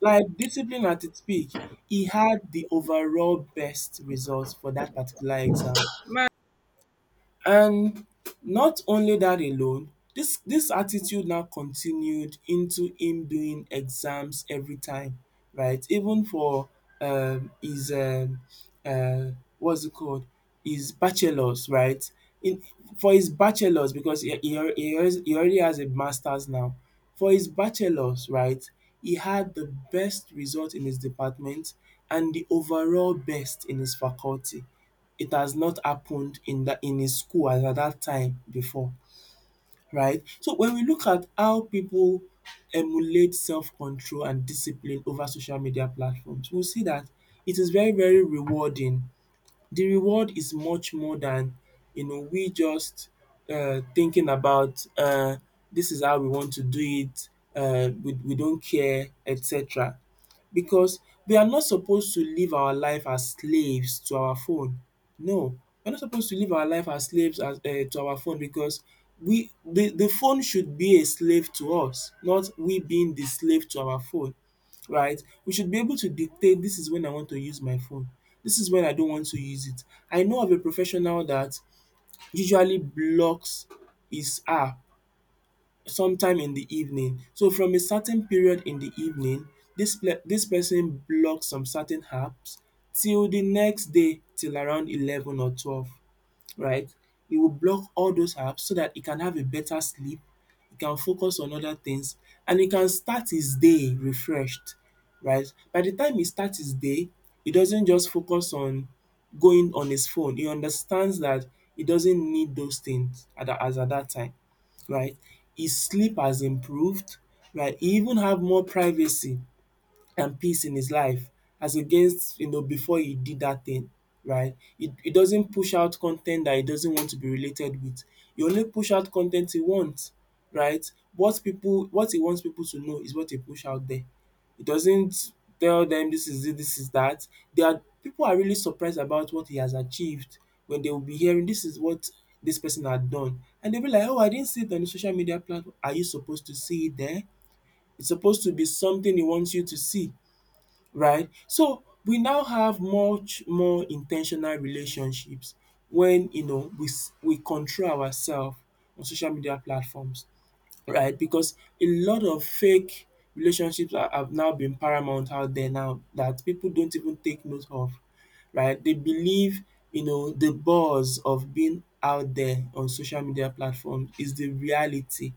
like discipline at its peak, he had the overall best results for that particular exam.
Man,
And not only that alone, this attitude now continued into him doing exams every time, right? Even for his uh what's it called? His bachelors, right? In for his bachelors, because he already has a masters now. For his bachelors, right? He had the best result in his department and the overall best in his faculty. It has not happened in that in his school as at that time before, right? So when we look at how people emulate self-control and discipline over social media platforms, we will see that it is very rewarding. The reward is much more than, you know, we just thinking about this is how we want to do it, we don't care, etc. Because we are not supposed to live our life as slaves to our phone. No, we're not supposed to live our life as slaves to our phone, because the phone should be a slave to us, not we being the slave to our phone, right? We should be able to dictate, this is when I want to use my phone, this is when I don't want to use it. I know of a professional that usually blocks his app sometime in the evening. So from a certain period in the evening, this person blocks some certain apps till the next day, till around 11 or 12, right? It will block all those apps so that he can have a better sleep, he can focus on other things, and he can start his day refreshed, right? By the time he starts his day, he doesn't just focus on going on his phone. He understands that he doesn't need those things at that, as at that time, right? His sleep has improved, right? He even have more privacy and peace in his life, as against, you know, before he did that thing, right? It doesn't push out content that he doesn't want to be related with. He only push out content he wants, right? What he wants people to know is what he push out there. He doesn't tell them this is it, this is that. They are people are really surprised about what he has achieved. When they will be hearing, this is what this person had done, and they'll be like, oh, I didn't see it on the social media platform, are you supposed to see it there? It's supposed to be something he wants you to see, right? So we now have much more intentional relationships when, you know, we control ourselves on social media platforms, right? Because a lot of fake relationships are have now been paramount out there now that people don't even take note of, right? They believe, you know, the buzz of being out there on social media platforms is the reality,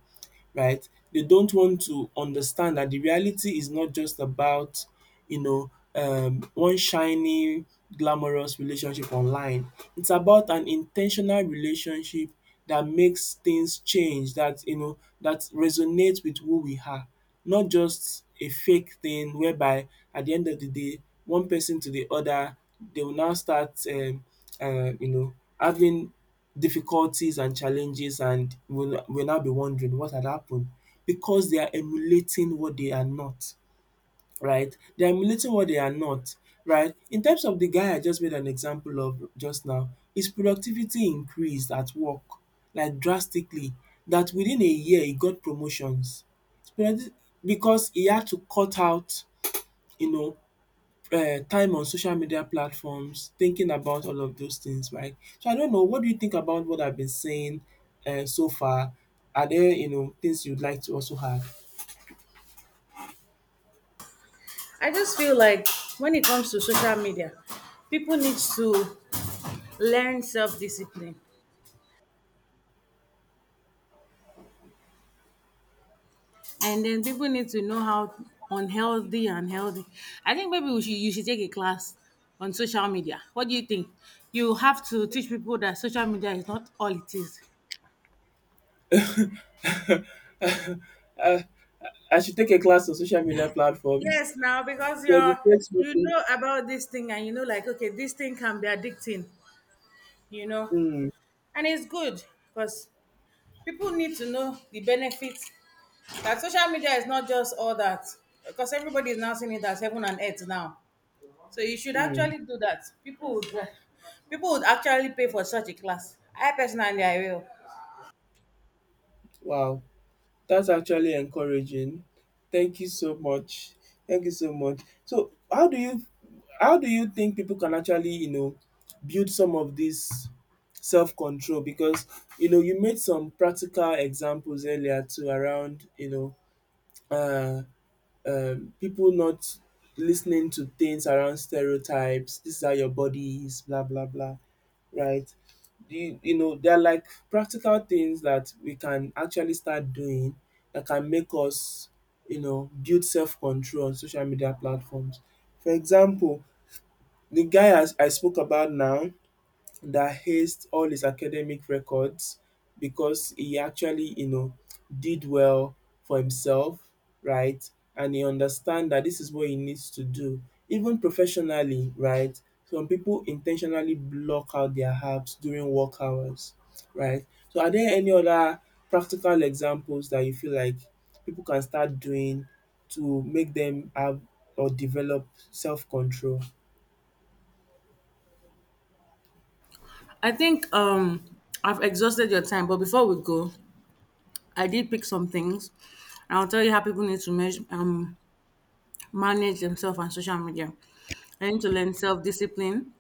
right? They don't want to understand that the reality is not just about, you know, one shiny, glamorous relationship online. It's about an intentional relationship that makes things change, that, you know, that resonates with who we are, not just a fake thing whereby at the end of the day, one person to the other, they will now start, you know, having difficulties and challenges, and will now be wondering what had happened, because they are emulating what they are not, right? They are emulating what they are not, right? In terms of the guy I just made an example of just now, his productivity increased at work, like drastically, that within a year he got promotions. But I thi- Because he had to cut out, you know, time on social media platforms, thinking about all of those things, right? So I don't know, what do you think about what I've been saying so far? Are there, you know, things you'd like to also add?
I just feel like when it comes to social media, people need to learn self discipline, and then people need to know how, unhealthy and healthy. I think maybe you should take a class on social media. What do you think? You have to teach people that social media is not all it is.
Uh, I should take a class on social media platforms
Yes, now because
to
you're,
educate
you
people.
know about this thing and you know, like, okay, this thing can be addicting, you know,
Mm,
and it's good because people need to know the benefits. Like, social media is not just all that, because everybody is now seeing it as heaven and earth now. So you should
mm,
actually do that. People would actually pay for such a class. I personally, I will.
wow. That's actually encouraging. Thank you so much. Thank you so much. So, how do you think people can actually, you know, build some of this self-control, because, you know, you made some practical examples earlier too around, you know, uh people not listening to things around stereotypes, this is how your body is, blah blah blah, right? You know, they're like practical things that we can actually start doing that can make us, you know, build self control on social media platforms. For example, the guy as I spoke about now, that hazed all his academic records because he actually, you know, did well for himself, right? And he understand that this is what he needs to do. Even professionally, right? Some people intentionally block out their apps during work hours, right? So are there any other practical examples that you feel like people can start doing to make them have or develop self-control?
I think I've exhausted your time, but before we go, I did pick some things, and I'll tell you how people need to manage themselves on social media. They need to learn self discipline,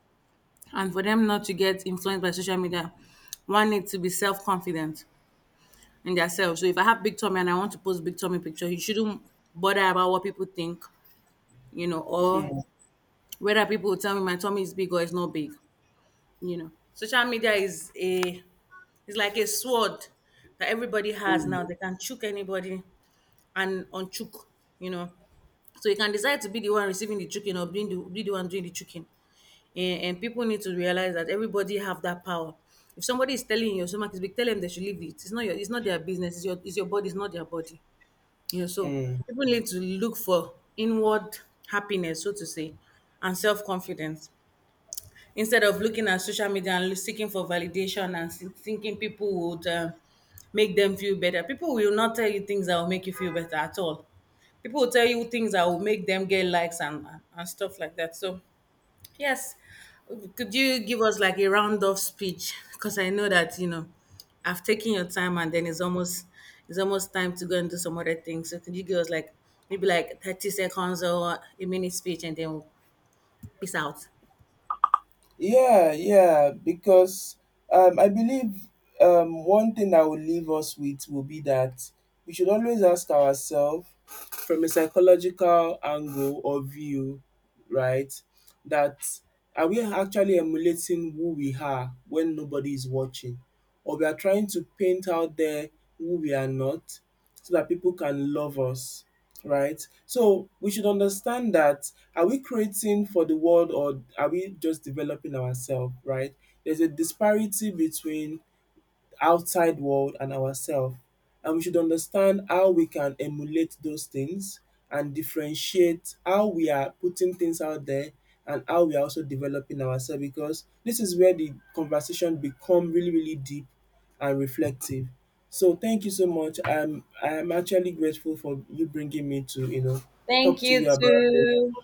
and for them not to get influenced by social media, one needs to be self confident in themselves. So if I have big tummy and I want to post big tummy picture, you shouldn't bother about what people think, you know, or
Mm,
whether people will tell me my tummy is big or it's not big, you know. Social media is a is like a sword that everybody has now.
mm,
They can chook anybody and unchook, you know. So you can decide to be the one receiving the chicken or being the, be the one doing the chicken. And people need to realize that everybody have that power. If somebody is telling you your stomach is big, tell them they should leave it. It's not their business. It's your body. It's not their body. You know, so
mm.
people need to look for inward happiness, so to say, and self confidence, instead of looking at social media and seeking for validation and thinking people would make them feel better. People will not tell you things that will make you feel better at all. People will tell you things that will make them get likes and stuff like that. So yes. Could you give us like a round of speech? Because I know that, you know, I've taken your time, and then it's almost, it's almost time to go and do some other things. So could you give us like maybe like 30 seconds or a minute speech, and then we'll peace out.
Yeah, yeah, because I believe one thing I will leave us with will be that we should always ask ourselves from a psychological angle or view, right? That, are we actually emulating who we are when nobody is watching? Or we are trying to paint out there who we are not so that people can love us, right? So we should understand that, are we creating for the world or are we just developing ourselves, right? There's a disparity between outside world and ourselves. And we should understand how we can emulate those things and differentiate how we are putting things out there and how we are also developing ourselves, because this is where the conversation become really deep and reflective. So thank you so much. I'm actually grateful for you bringing me to, you know,
Thank
talk to
you
you about this.
too.